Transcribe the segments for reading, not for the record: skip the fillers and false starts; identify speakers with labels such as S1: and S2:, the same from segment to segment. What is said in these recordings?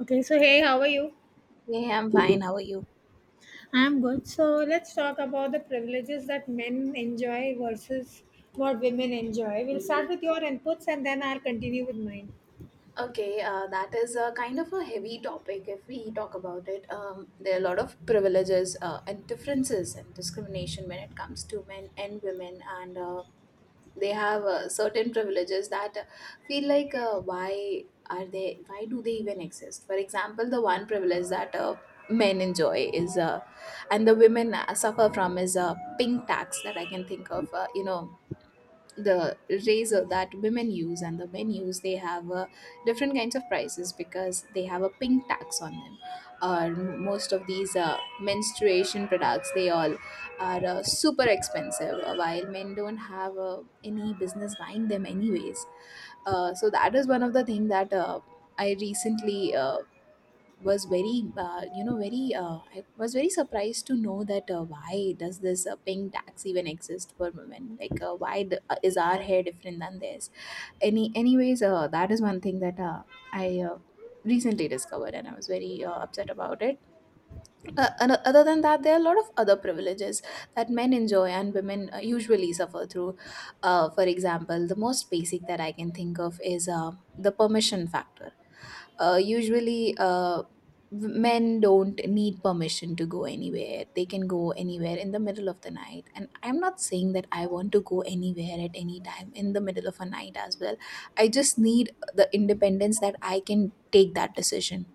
S1: Okay, so hey, how are you?
S2: Yeah, I'm fine. How are you?
S1: I'm good. So let's talk about the privileges that men enjoy versus what women enjoy. We'll start with your inputs and then I'll continue with mine.
S2: Okay, that is a kind of a heavy topic if we talk about it. There are a lot of privileges and differences and discrimination when it comes to men and women, and they have certain privileges that feel like why are they? Why do they even exist? For example, the one privilege that men enjoy is, and the women suffer from is a pink tax that I can think of. The razor that women use and the men use they have different kinds of prices because they have a pink tax on them. Most of these menstruation products they all are super expensive, while men don't have any business buying them anyways. So that is one of the thing that I recently, was very very I was very surprised to know that why does this pink tax even exist for women, like why the, is our hair different than theirs? Anyways, that is one thing that I recently discovered and I was very upset about it. And Other than that, there are a lot of other privileges that men enjoy and women usually suffer through. For example, the most basic that I can think of is the permission factor. Usually, men don't need permission to go anywhere. They can go anywhere in the middle of the night, and I'm not saying that I want to go anywhere at any time in the middle of a night as well. I just need the independence that I can take that decision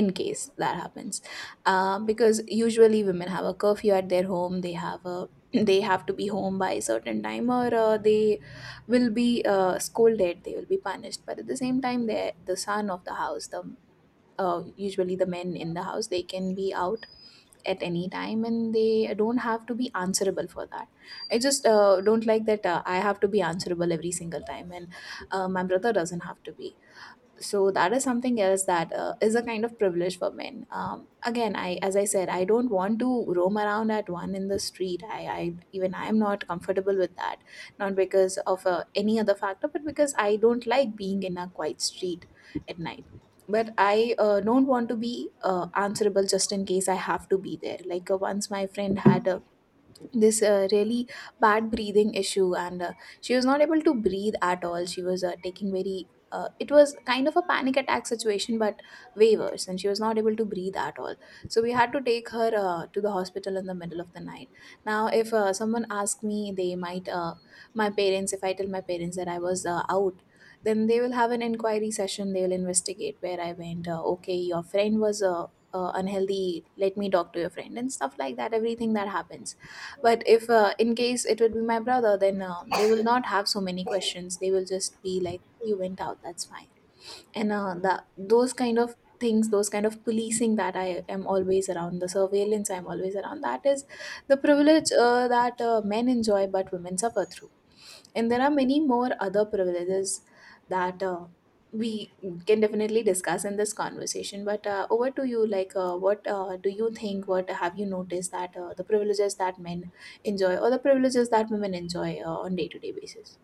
S2: in case that happens, because usually women have a curfew at their home. They have a they have to be home by a certain time, or they will be scolded, they will be punished. But at the same time, the son of the house, the usually the men in the house, they can be out at any time and they don't have to be answerable for that. I just don't like that I have to be answerable every single time, and my brother doesn't have to be. So that is something else that is a kind of privilege for men. Again, I as I said, I don't want to roam around at one in the street. I even, I am not comfortable with that, not because of any other factor, but because I don't like being in a quiet street at night. But I don't want to be answerable just in case I have to be there. Like once my friend had a this really bad breathing issue, and she was not able to breathe at all. She was taking very it was kind of a panic attack situation, but way worse, and she was not able to breathe at all. So we had to take her to the hospital in the middle of the night. Now if someone asks me, they might my parents, if I tell my parents that I was out, then they will have an inquiry session. They will investigate where I went. Okay, your friend was unhealthy, let me talk to your friend, and stuff like that, everything that happens. But if in case it would be my brother, then they will not have so many questions. They will just be like, "You went out, that's fine." And that those kind of things, those kind of policing that I am always around, the surveillance I'm always around. That is the privilege that men enjoy, but women suffer through. And there are many more other privileges that we can definitely discuss in this conversation. But over to you, like, what do you think? What have you noticed that the privileges that men enjoy or the privileges that women enjoy on day to day basis?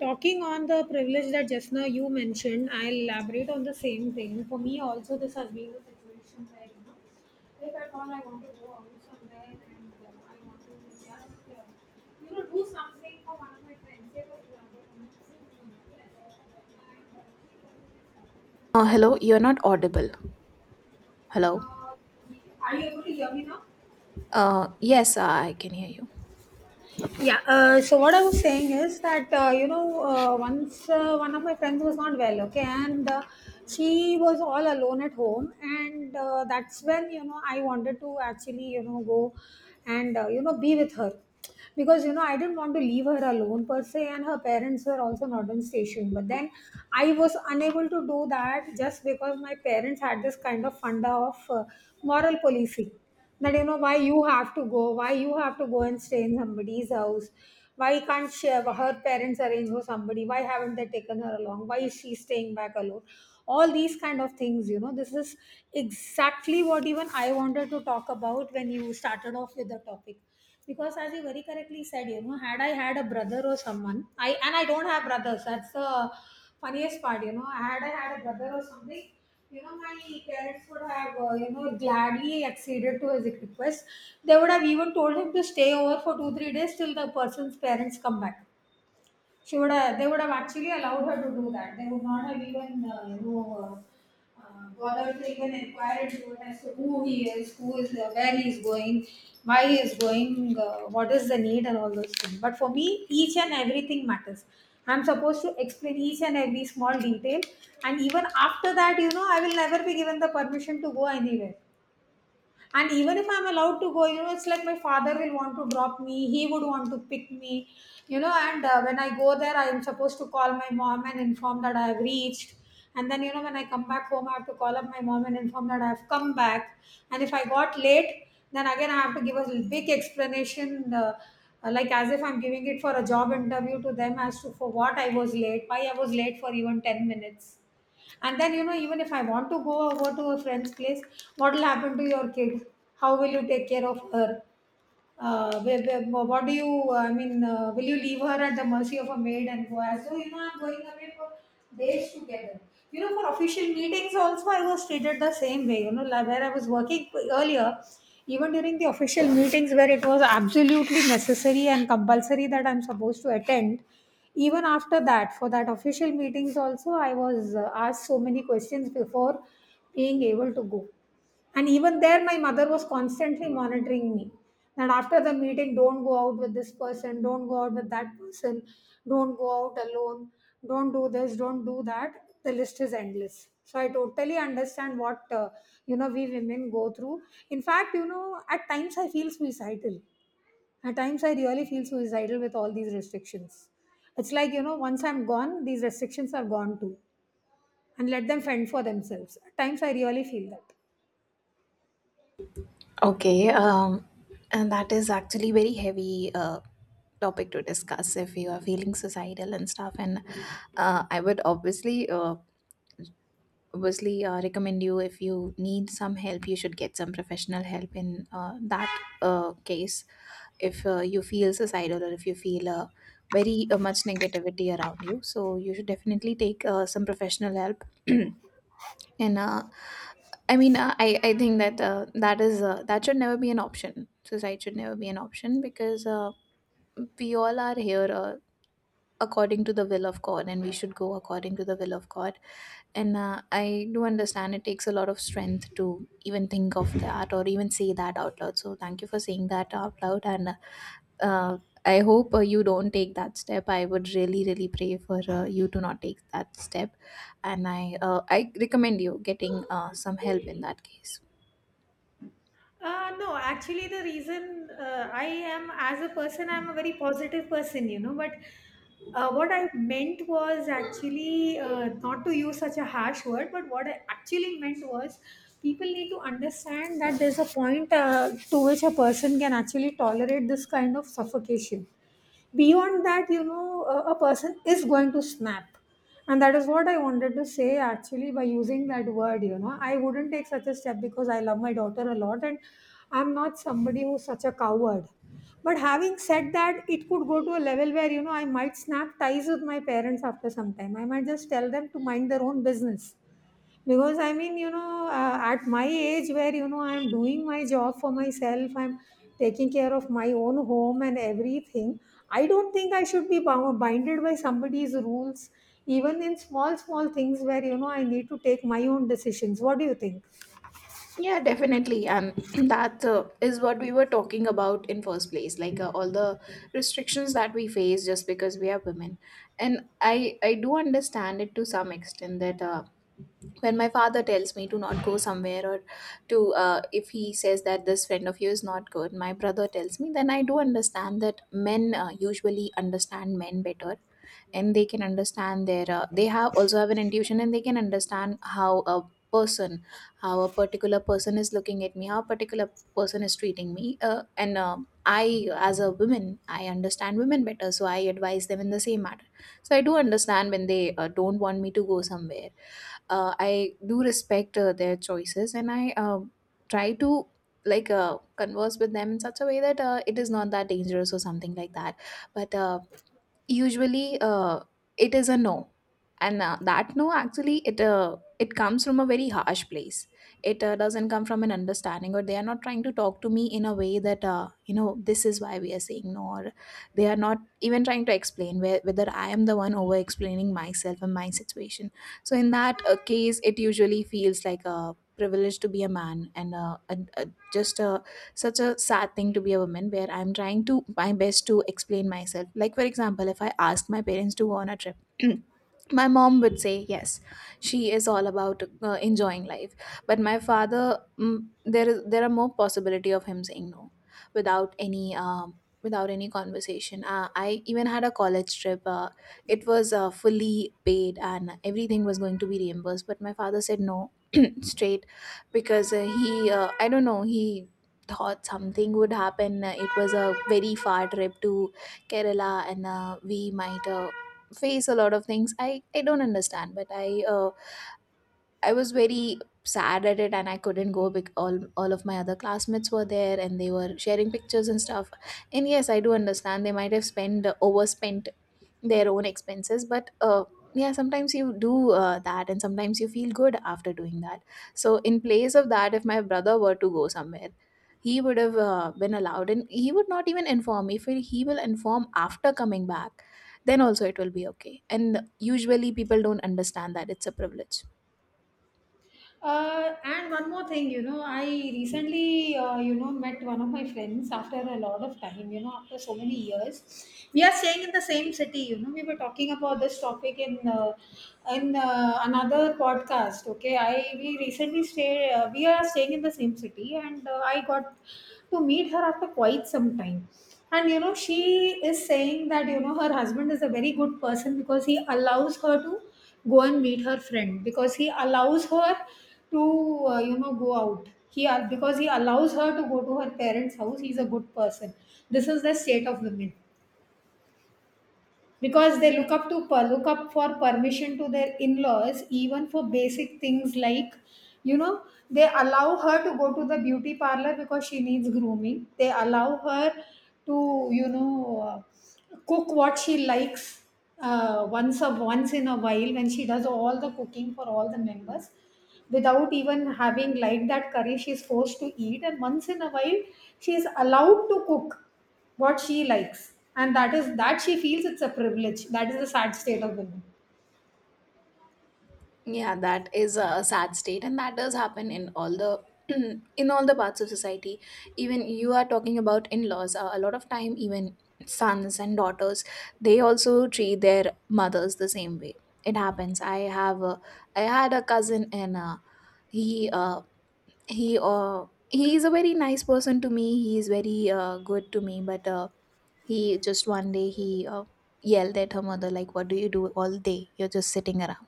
S1: Talking on the privilege that just now you mentioned, I'll elaborate on the same thing. For me, also, this has been the situation where, if at all I want to go out somewhere and I want to just, do something for one of my friends, say, for example,
S2: Hello, you're not audible. Hello.
S1: are you able to hear me now?
S2: Yes, I can hear you.
S1: Yeah. So what I was saying is that once one of my friends was not well, okay, and she was all alone at home, and that's when I wanted to actually go and be with her because I didn't want to leave her alone per se, and her parents were also not in station. But then I was unable to do that just because my parents had this kind of funda of moral policing, that why you have to go, why you have to go and stay in somebody's house, why can't she, her parents arrange for somebody, why haven't they taken her along, why is she staying back alone. All these kind of things, this is exactly what even I wanted to talk about when you started off with the topic, because as you very correctly said, had I had a brother or someone, I, and I don't have brothers, that's the funniest part, had I had a brother or something, my parents would have gladly acceded to his request. They would have even told him to stay over for 2-3 days till the person's parents come back. She would have, they would have actually allowed her to do that. They would not have even, bothered to even inquire into it as to who he is, who is there, where he is going, why he is going, what is the need, and all those things. But for me, each and everything matters. I'm supposed to explain each and every small detail, and even after that, I will never be given the permission to go anywhere. And even if I'm allowed to go, it's like my father will want to drop me, he would want to pick me, you know, and when I go there, I am supposed to call my mom and inform that I have reached. And then, when I come back home, I have to call up my mom and inform that I have come back. And if I got late, then again, I have to give a big explanation, like as if I'm giving it for a job interview to them as to for what I was late, why I was late for even 10 minutes. And then, even if I want to go over to a friend's place, what will happen to your kid? How will you take care of her? Where, what do you, I mean, will you leave her at the mercy of a maid and go? So, I'm going away for days together. For official meetings also, I was treated the same way. Like where I was working earlier, even during the official meetings where it was absolutely necessary and compulsory that I'm supposed to attend, even after that, for that official meetings also, I was asked so many questions before being able to go. And even there, my mother was constantly monitoring me. That after the meeting, don't go out with this person, don't go out with that person, don't go out alone, don't do this, don't do that. The list is endless. So I totally understand what we women go through. In fact, at times I feel suicidal, at times, I really feel suicidal with all these restrictions. It's like, once I'm gone, these restrictions are gone too, and let them fend for themselves. At times, I really feel that.
S2: Okay, and that is actually very heavy topic to discuss if you are feeling societal and stuff. And I would obviously recommend you, if you need some help, you should get some professional help in that case, if you feel suicidal or if you feel very much negativity around you. So you should definitely take some professional help. And uh, I think that that is that should never be an option. Suicide should never be an option, because we all are here according to the will of God, and we should go according to the will of God. And I do understand it takes a lot of strength to even think of that or even say that out loud. So thank you for saying that out loud. And uh, I hope you don't take that step. I would really, really pray for you to not take that step. And I recommend you getting some help in that case.
S1: No, actually, the reason I am, as a person, I'm a very positive person, But what I meant was actually not to use such a harsh word, but what I actually meant was people need to understand that there's a point to which a person can actually tolerate this kind of suffocation. Beyond that, a person is going to snap. And that is what I wanted to say actually by using that word, I wouldn't take such a step because I love my daughter a lot and I'm not somebody who's such a coward. But having said that, it could go to a level where, I might snap ties with my parents after some time. I might just tell them to mind their own business, because I mean at my age where I'm doing my job for myself, I'm taking care of my own home and everything, I don't think I should be bound binded by somebody's rules, even in small small things where I need to take my own decisions. What do you think?
S2: Yeah, definitely. And that is what we were talking about in first place, like all the restrictions that we face just because we are women. And I do understand it to some extent that when my father tells me to not go somewhere, or to if he says that this friend of yours is not good, my brother tells me, then I do understand that men usually understand men better, and they can understand their they have also have an intuition, and they can understand how a person, how a particular person is looking at me, how a particular person is treating me. And I as a woman, I understand women better, so I advise them in the same matter. So I do understand when they don't want me to go somewhere. I do respect their choices, and I try to, like converse with them in such a way that it is not that dangerous or something like that. But usually it is a no. And that no, actually, it it comes from a very harsh place. It doesn't come from an understanding, or they are not trying to talk to me in a way that, you know, this is why we are saying no, or they are not even trying to explain whether I am the one over explaining myself and my situation. So in that case, it usually feels like a privilege to be a man, and just a such a sad thing to be a woman, where I'm trying to my best to explain myself. Like for example, if I ask my parents to go on a trip, my mom would say yes. She is all about enjoying life. But my father, there are more possibility of him saying no without any without any conversation. I even had a college trip. It was fully paid and everything was going to be reimbursed, but my father said no, straight. Because he I don't know, he thought something would happen. It was a very far trip to Kerala, and we might face a lot of things. I don't understand, but uh, I was very sad at it, and I couldn't go because all of my other classmates were there, and they were sharing pictures and stuff. And yes, I do understand they might have spent, overspent their own expenses, but yeah, sometimes you do that, and sometimes you feel good after doing that. So in place of that, if my brother were to go somewhere, he would have been allowed, and he would not even inform. If he will inform after coming back, then also it will be okay. And usually people don't understand that it's a privilege.
S1: And one more thing, I recently, met one of my friends after a lot of time, after so many years. We are staying in the same city, We were talking about this topic in another podcast. Okay, I we recently stay. We are staying in the same city, and I got to meet her after quite some time. And she is saying that her husband is a very good person because he allows her to go and meet her friend, because he allows her to go out, because he allows her to go to her parents house, he's a good person. This is the state of women, because they look up for permission to their in-laws even for basic things, like you know they allow her to go to the beauty parlor because she needs grooming, they allow her to uh, cook what she likes. Once in a while when she does all the cooking for all the members without even having liked that curry, she's forced to eat, and once in a while she is allowed to cook what she likes, and that is that she feels it's a privilege. That is the sad state of women,
S2: Yeah, that is a sad state, and that does happen in all the in all the parts of society. Even you are talking about in-laws. A lot of time, even sons and daughters, they also treat their mothers the same way. It happens. I had a cousin, and he uh, he is a very nice person to me. He is very good to me, but he just one day he yelled at her mother like, "What do you do all day? You're just sitting around,"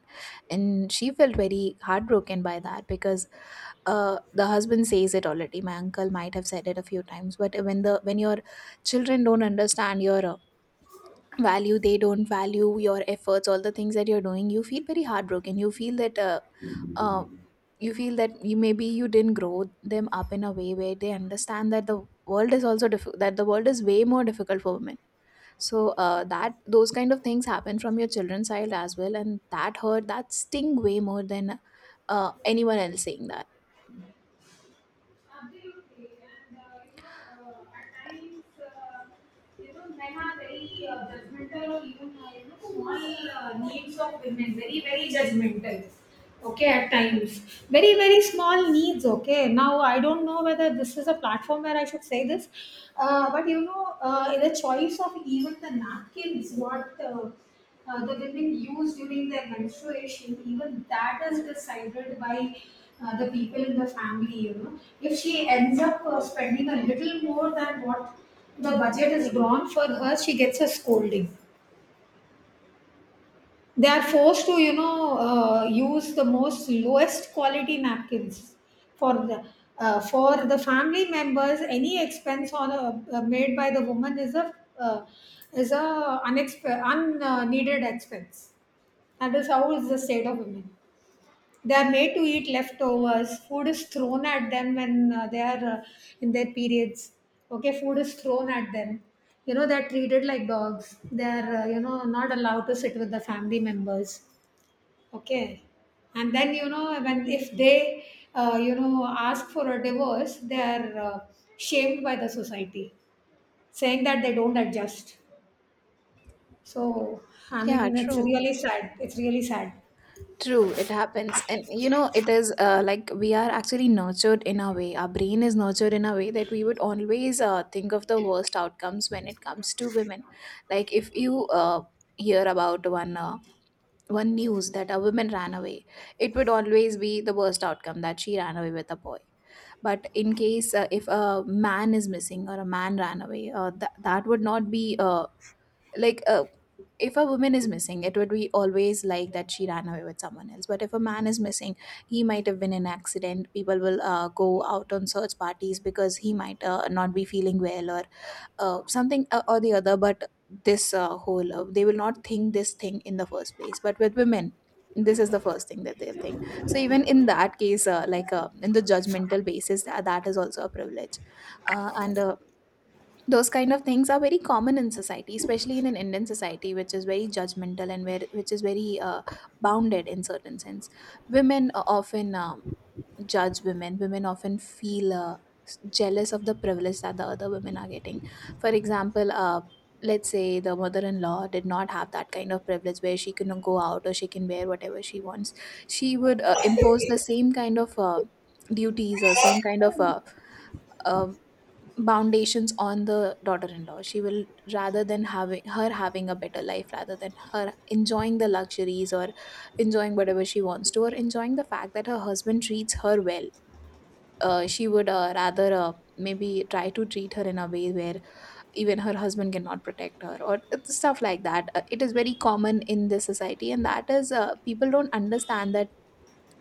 S2: and she felt very heartbroken by that because the husband says it already. My uncle might have said it a few times, but when your children don't understand your value, they don't value your efforts, all the things that you're doing. You feel very heartbroken. You feel that uh, you feel that you maybe you didn't grow them up in a way where they understand that the world is also that the world is way more difficult for women. So that those kind of things happen from your children's side as well, and that hurt, that sting way more than anyone else saying that.
S1: the needs of women. Very very judgmental, okay, at times. Very very small needs, okay. Now I don't know whether this is a platform where I should say this. But the choice of even the napkins, what the women use during their menstruation, even that is decided by the people in the family. If she ends up spending a little more than what the budget is drawn for her, she gets a scolding. They are forced to use the most lowest quality napkins for the for the family members. Any expense on a, made by the woman is uh, a unneeded expense. That is how is the state of women. They are made to eat leftovers, food is thrown at them when they are in their periods, okay. Food is thrown at them, they're treated like dogs, they're not allowed to sit with the family members. Okay. And then, when if they, ask for a divorce, they are shamed by the society, saying that they don't adjust. So, I
S2: Yeah,
S1: mean, it's
S2: true.
S1: really sad. It's really sad.
S2: True, it happens, and you know it is like we are actually nurtured in a way, our brain is nurtured in a way that we would always think of the worst outcomes when it comes to women. Like if you hear about one news that a woman ran away, it would always be the worst outcome that she ran away with a boy. But in case if a man is missing or a man ran away, that would not be like uh, if a woman is missing, it would be always like that she ran away with someone else. But if a man is missing, he might have been in an accident. People will go out on search parties because he might not be feeling well, or something or the other. But this whole they will not think this thing in the first place, but with women, this is the first thing that they'll think. So even in that case, in the judgmental basis, that is also a privilege. And Those kind of things are very common in society, especially in an Indian society, which is very judgmental, and where which is very bounded in certain sense. Women often judge Women often feel jealous of the privilege that the other women are getting. For example, let's say the mother-in-law did not have that kind of privilege where she can go out or she can wear whatever she wants. She would impose the same kind of duties or same kind of uh, foundations on the daughter-in-law. She will, rather than having her having a better life, rather than her enjoying the luxuries or enjoying whatever she wants to, or enjoying the fact that her husband treats her well, she would rather maybe try to treat her in a way where even her husband cannot protect her or stuff like that. It is very common in this society, and that is people don't understand that.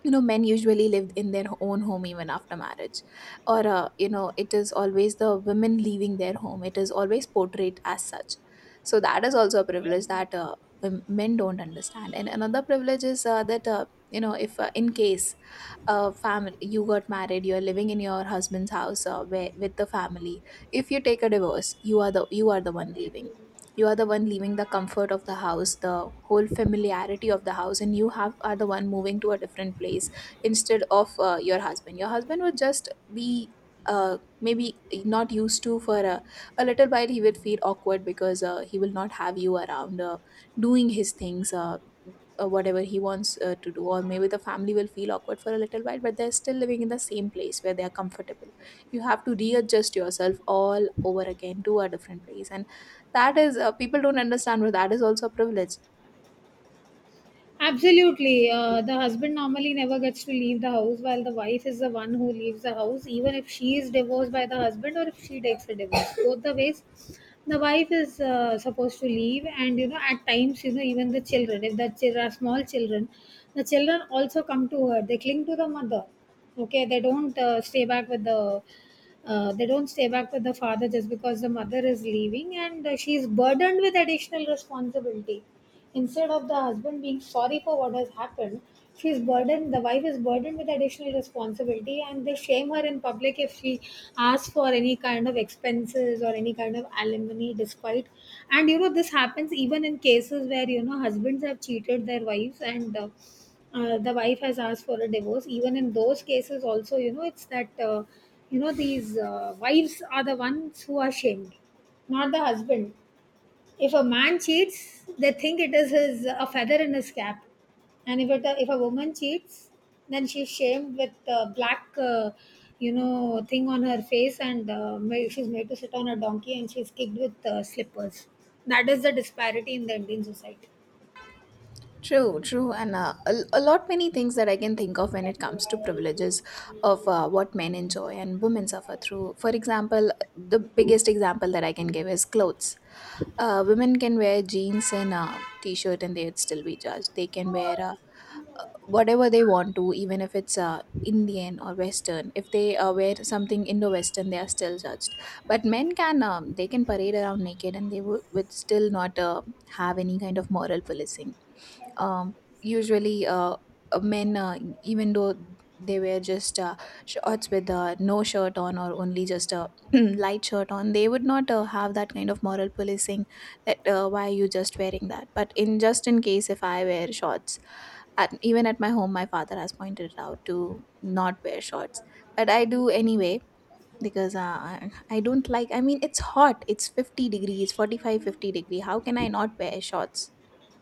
S2: You know, men usually lived in their own home even after marriage, or you know, it is always the women leaving their home. It is always portrayed as such. So that is also a privilege that men don't understand. And another privilege is that you know, if in case family, you got married, you're living in your husband's house where, with the family, if you take a divorce, you are the, you are the one leaving. You are the one leaving the comfort of the house, the whole familiarity of the house, and you have are the one moving to a different place, instead of your husband. Your husband would just be maybe not used to for a little while. He will feel awkward because he will not have you around doing his things, whatever he wants to do. Or maybe the family will feel awkward for a little while, but they're still living in the same place where they are comfortable. You have to readjust yourself all over again to a different place, and that is people don't understand, but that is also a privilege.
S1: Absolutely. The husband normally never gets to leave the house, while the wife is the one who leaves the house, even if she is divorced by the husband or if she takes a divorce. Both the ways, the wife is supposed to leave, and you know, at times, you know, even the children, if the children are small children, the children also come to her, they cling to the mother. Okay, they don't stay back with the they don't stay back with the father just because the mother is leaving, and she is burdened with additional responsibility instead of the husband being sorry for what has happened. She is burdened The wife is burdened with additional responsibility, and they shame her in public if she asks for any kind of expenses or any kind of alimony despite. And you know, this happens even in cases where, you know, husbands have cheated their wives, and the wife has asked for a divorce. Even in those cases also, you know, it's that, you know, these wives are the ones who are shamed, not the husband. If a man cheats, they think it is his a feather in his cap. And if a woman cheats, then she's shamed with black, thing on her face, and she's made to sit on a donkey and she's kicked with slippers. That is the disparity in the Indian society.
S2: True, true, and a lot many things that I can think of when it comes to privileges of what men enjoy and women suffer through. For example, the biggest example that I can give is clothes. Women can wear jeans and a t-shirt and they'd still be judged. They can wear whatever they want to, even if it's Indian or Western. If they wear something Indo-Western, they are still judged. But men can they can parade around naked and they would still not have any kind of moral policing. Usually Men, even though they wear just shorts with no shirt on, or only just a light shirt on, they would not have that kind of moral policing that why are you just wearing that. But in just in case if I wear shorts, at, even at my home, my father has pointed it out to not wear shorts, but I do anyway because I don't like, I mean it's hot, it's 50 degrees 45, 50 degree, how can I not wear shorts?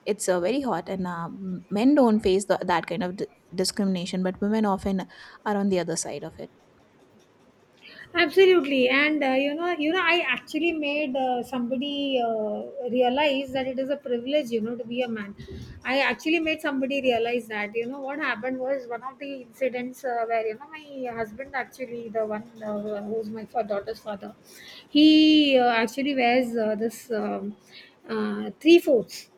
S2: It's very hot, and men don't face that kind of discrimination, but women often are on the other side of it.
S1: Absolutely, and I actually made somebody realize that it is a privilege, you know, to be a man. I actually made somebody realize that. You know, what happened was one of the incidents where, you know, my husband actually, the one who's my daughter's father, he actually wears this, three fourths.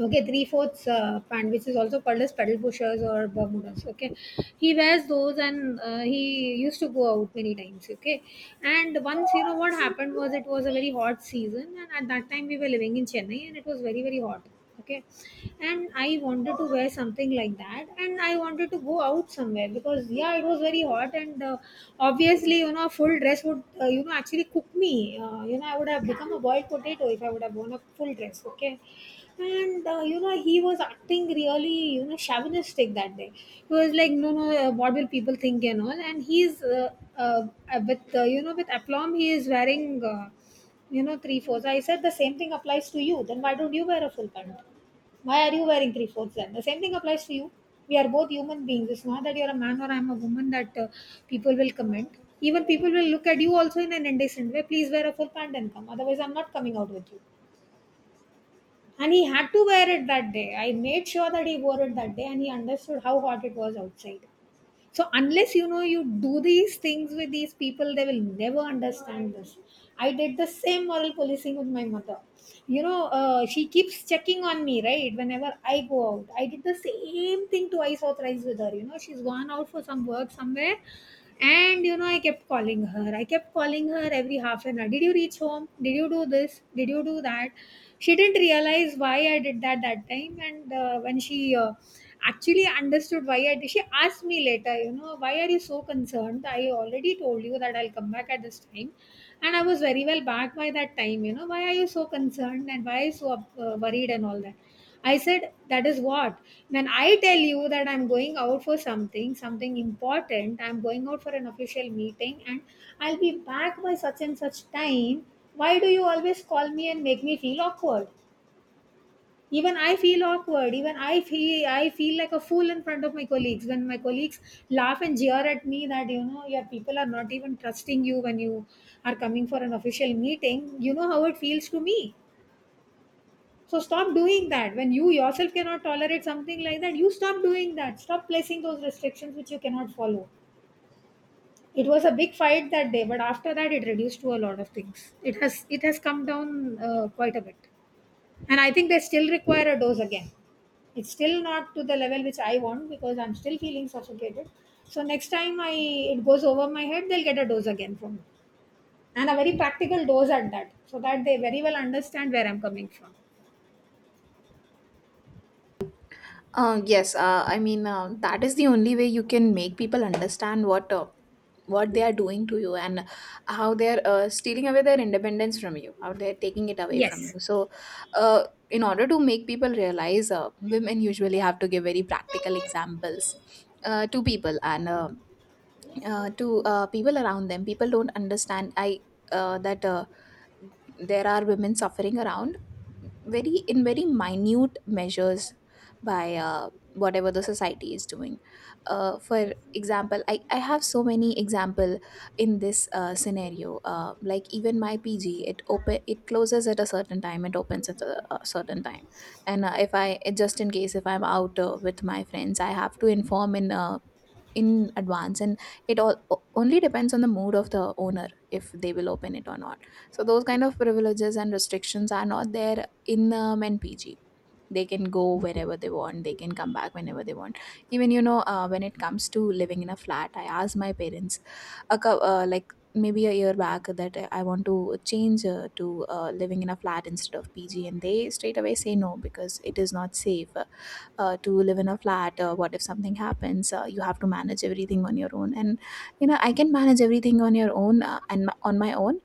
S1: Okay, three fourths pant, which is also called as pedal pushers or bermudas. Okay, he wears those, and he used to go out many times. Okay, and once, you know, what happened was it was a very hot season, and at that time we were living in Chennai, and it was very very hot. Okay, and I wanted to wear something like that, and I wanted to go out somewhere because, yeah, it was very hot, and obviously, you know, a full dress would you know, actually cook me. You know, I would have become a boiled potato if I would have worn a full dress. Okay, and you know, he was acting really, you know, chauvinistic that day. He was like, no no, what will people think and all. And he's uh, with you know, with aplomb, he is wearing, uh, you know, three fourths. I said, the same thing applies to you. Then why don't you wear a full pant? Why are you wearing three fourths? Then the same thing applies to you. We are both human beings. It's not that you're a man or I'm a woman that people will comment. Even people will look at you also in an indecent way. Please wear a full pant and come, otherwise I'm not coming out with you. And he had to wear it that day. I made sure that he wore it that day, and he understood how hot it was outside. So unless, you know, you do these things with these people, they will never understand this. I did the same moral policing with my mother. You know, she keeps checking on me, right? Whenever I go out, I did the same thing twice or thrice with her. You know, she's gone out for some work somewhere, and you know, I kept calling her. I kept calling her every half an hour. Did you reach home? Did you do this? Did you do that? She didn't realize why I did that that time, and when she actually understood why I did. She asked me later, you know, why are you so concerned? I already told you that I'll come back at this time. And I was very well back by that time. You know, why are you so concerned and why are you so worried and all that? I said, that is what? When I tell you that I'm going out for something, something important, I'm going out for an official meeting and I'll be back by such and such time, why do you always call me and make me feel awkward? Even I feel awkward. Even I feel like a fool in front of my colleagues when my colleagues laugh and jeer at me that, you know, your people are not even trusting you when you are coming for an official meeting. You know how it feels to me. So stop doing that. When you yourself cannot tolerate something like that, you stop doing that. Stop placing those restrictions which you cannot follow. It was a big fight that day, but after that, it reduced to a lot of things. It has come down quite a bit, and I think they still require a dose again. It's still not to the level which I want because I'm still feeling suffocated. So next time, I it goes over my head, they'll get a dose again from me, and a very practical dose at that, so that they very well understand where I'm coming from.
S2: Uh, yes, I mean, that is the only way you can make people understand what they are doing to you, and how they're stealing away their independence from you, how they're taking it away from
S1: Yes.
S2: you. So uh, in order to make people realize, women usually have to give very practical examples to people, and to people around them. People don't understand, I that there are women suffering around, very in very minute measures, by whatever the society is doing. Uh, for example, I have so many example in this scenario. Uh, like even my pg, it closes at a certain time, it opens at a certain time, and if I just in case if I'm out with my friends, I have to inform in advance, and it all only depends on the mood of the owner if they will open it or not. So those kind of privileges and restrictions are not there in npg. They can go wherever they want, they can come back whenever they want. Even you know, when it comes to living in a flat, I asked my parents a like maybe a year back, that I want to change to living in a flat instead of PG, and they straight away say no, because it is not safe, to live in a flat. What if something happens? You have to manage everything on your own, and you know, I can manage everything on your own, on my own,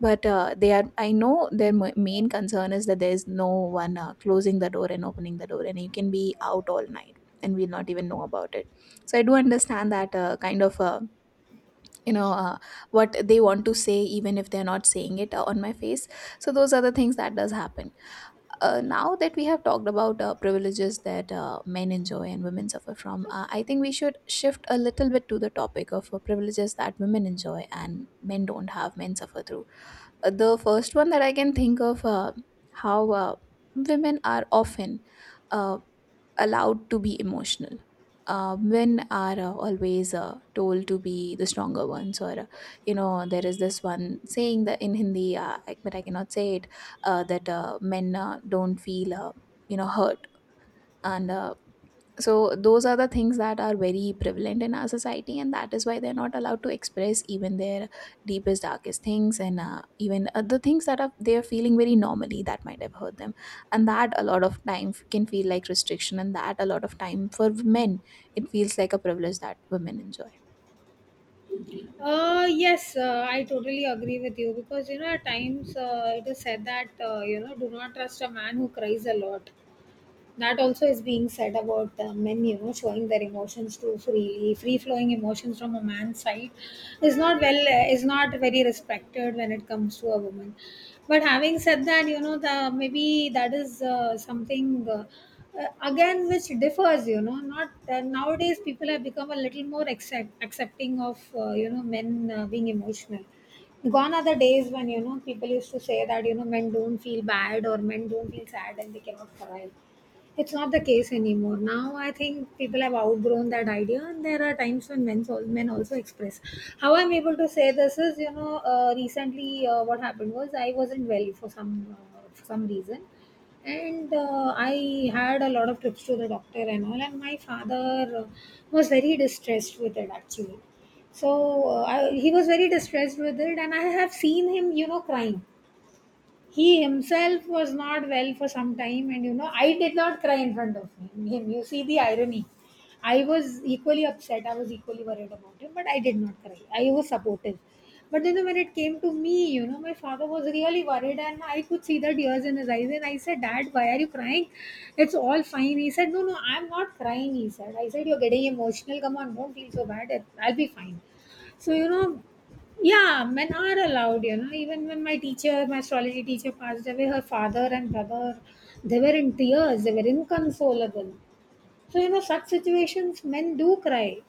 S2: but they are. I know their main concern is that there is no one closing the door and opening the door, and you can be out all night, and we'll not even know about it. So I do understand that kind of. You know, what they want to say even if they're not saying it on my face. So those are the things that does happen. Uh, now that we have talked about privileges that men enjoy and women suffer from, I think we should shift a little bit to the topic of privileges that women enjoy and men don't have, men suffer through. The first one that I can think of, how women are often uh, allowed to be emotional. Men are always told to be the stronger ones, or you know, there is this one saying that in Hindi, but I cannot say it, that men don't feel you know, hurt. And so those are the things that are very prevalent in our society, and that is why they're not allowed to express even their deepest darkest things, and even the things that are they are feeling very normally that might have hurt them. And that a lot of time can feel like restriction, and that a lot of time for men, it feels like a privilege that women enjoy.
S1: Yes, I totally agree with you because, you know, at times it is said that, you know, do not trust a man who cries a lot. That also is being said about men, you know, showing their emotions too freely. Free flowing emotions from a man's side is not well is not very respected when it comes to a woman. But having said that, you know, the maybe that is something. Again, which differs, you know, not nowadays people have become a little more accepting of you know, men being emotional. Gone are the days when, you know, people used to say that, you know, men don't feel bad or men don't feel sad and they cannot cry. It's not the case anymore now. I think people have outgrown that idea, and there are times when men also express. How I'm able to say this is, you know, recently what happened was I wasn't well for some reason. And I had a lot of trips to the doctor and all, and my father was very distressed with it, actually. So he was very distressed with it, and I have seen him, you know, crying. He himself was not well for some time, and you know, I did not cry in front of him. You see the irony. I was equally upset, I was equally worried about him, but I did not cry, I was supportive. But then when it came to me, you know, my father was really worried, and I could see the tears in his eyes, and I said, dad, why are you crying? It's all fine. He said, no no, I'm not crying, he said. I said, you're getting emotional, come on, don't feel so bad. I'll be fine. So you know, yeah, men are allowed, you know. Even when my teacher, my astrology teacher passed away, her father and brother, they were in tears, they were inconsolable. So, you know, such situations, men do cry.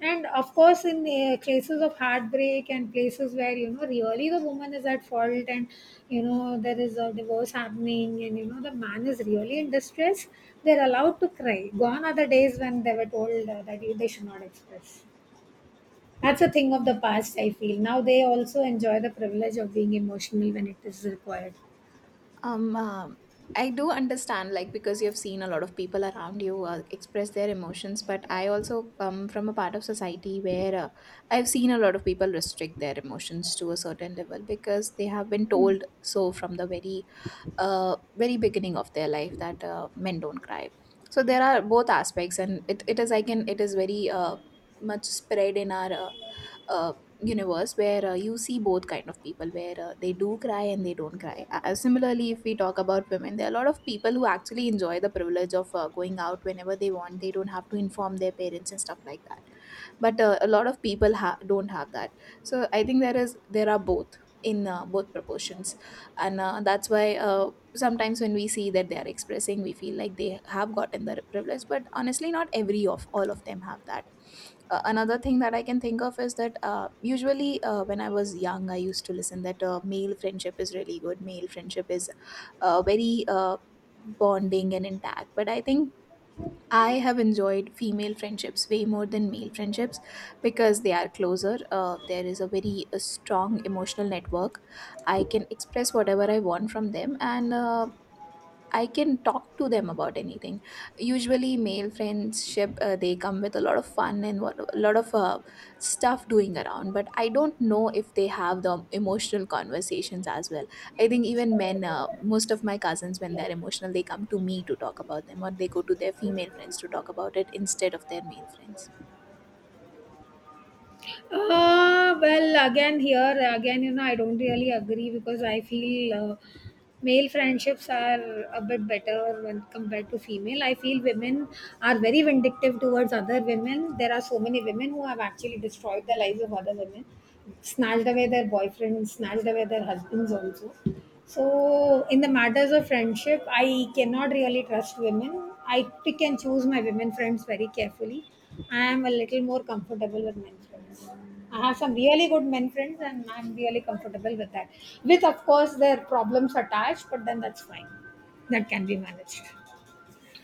S1: And of course, in cases of heartbreak and places where, you know, really the woman is at fault, and, you know, there is a divorce happening and, you know, the man is really in distress, they're allowed to cry. Gone are the days when they were told that they should not express. That's a thing of the past, I feel. Now they also enjoy the privilege of being emotional when it is required.
S2: Um, um, I do understand, like, because you've seen a lot of people around you express their emotions, but I also come from a part of society where I've seen a lot of people restrict their emotions to a certain level, because they have been told so from the very very beginning of their life, that men don't cry. So there are both aspects, and it is, I can, it is very much spread in our uh, universe, where you see both kind of people, where they do cry and they don't cry. Uh, similarly, if we talk about women, there are a lot of people who actually enjoy the privilege of going out whenever they want, they don't have to inform their parents and stuff like that. But a lot of people don't have that. So I think there is, there are both in both proportions. And that's why sometimes when we see that they are expressing, we feel like they have gotten the privilege, but honestly, not every of all of them have that. Uh, another thing that I can think of is that usually when I was young, I used to listen that male friendship is really good, male friendship is very bonding and intact. But I think I have enjoyed female friendships way more than male friendships, because they are closer. There is a very strong emotional network. I can express whatever I want from them, and I can talk to them about anything. Usually, male friendship, they come with a lot of fun and what, a lot of stuff doing around. But I don't know if they have the emotional conversations as well. I think even men, most of my cousins, when they're emotional, they come to me to talk about them, or they go to their female friends to talk about it instead of their male friends.
S1: Well, again, here, again, you know, I don't really agree because I feel male friendships are a bit better when compared to female. I feel women are very vindictive towards other women. There are so many women who have actually destroyed the lives of other women, snatched away their boyfriends, snatched away their husbands also. So, in the matters of friendship, I cannot really trust women. I pick and choose my women friends very carefully. I am a little more comfortable with men friends. I have some really good men friends, and I'm really comfortable with that. With, of course, their problems attached, but then that's fine. That can be managed.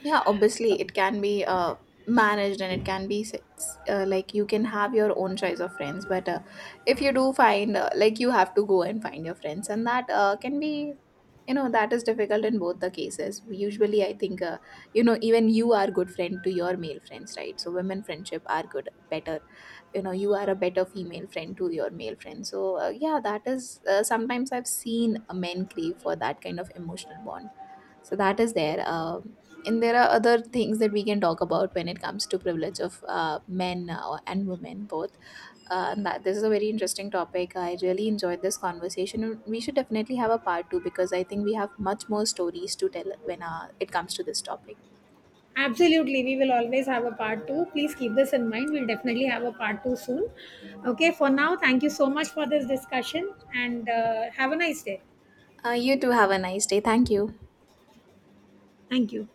S2: Yeah, obviously it can be managed, and it can be like you can have your own choice of friends. But if you do find like you have to go and find your friends, and that can be, you know, that is difficult in both the cases. Usually I think, you know, even you are good friend to your male friends, right? So women friendship are good better, you know, you are a better female friend to your male friend. So yeah, that is sometimes I've seen men crave for that kind of emotional bond. So that is there. And there are other things that we can talk about when it comes to privilege of men and women both. And that, this is a very interesting topic. I really enjoyed this conversation, and we should definitely have a part two, because I think we have much more stories to tell when it comes to this topic.
S1: Absolutely, we will always have a part two. Please keep this in mind. We'll definitely have a part two soon. Okay, for now, thank you so much for this discussion, and have a nice day.
S2: Uh, you too, have a nice day. Thank you.
S1: Thank you.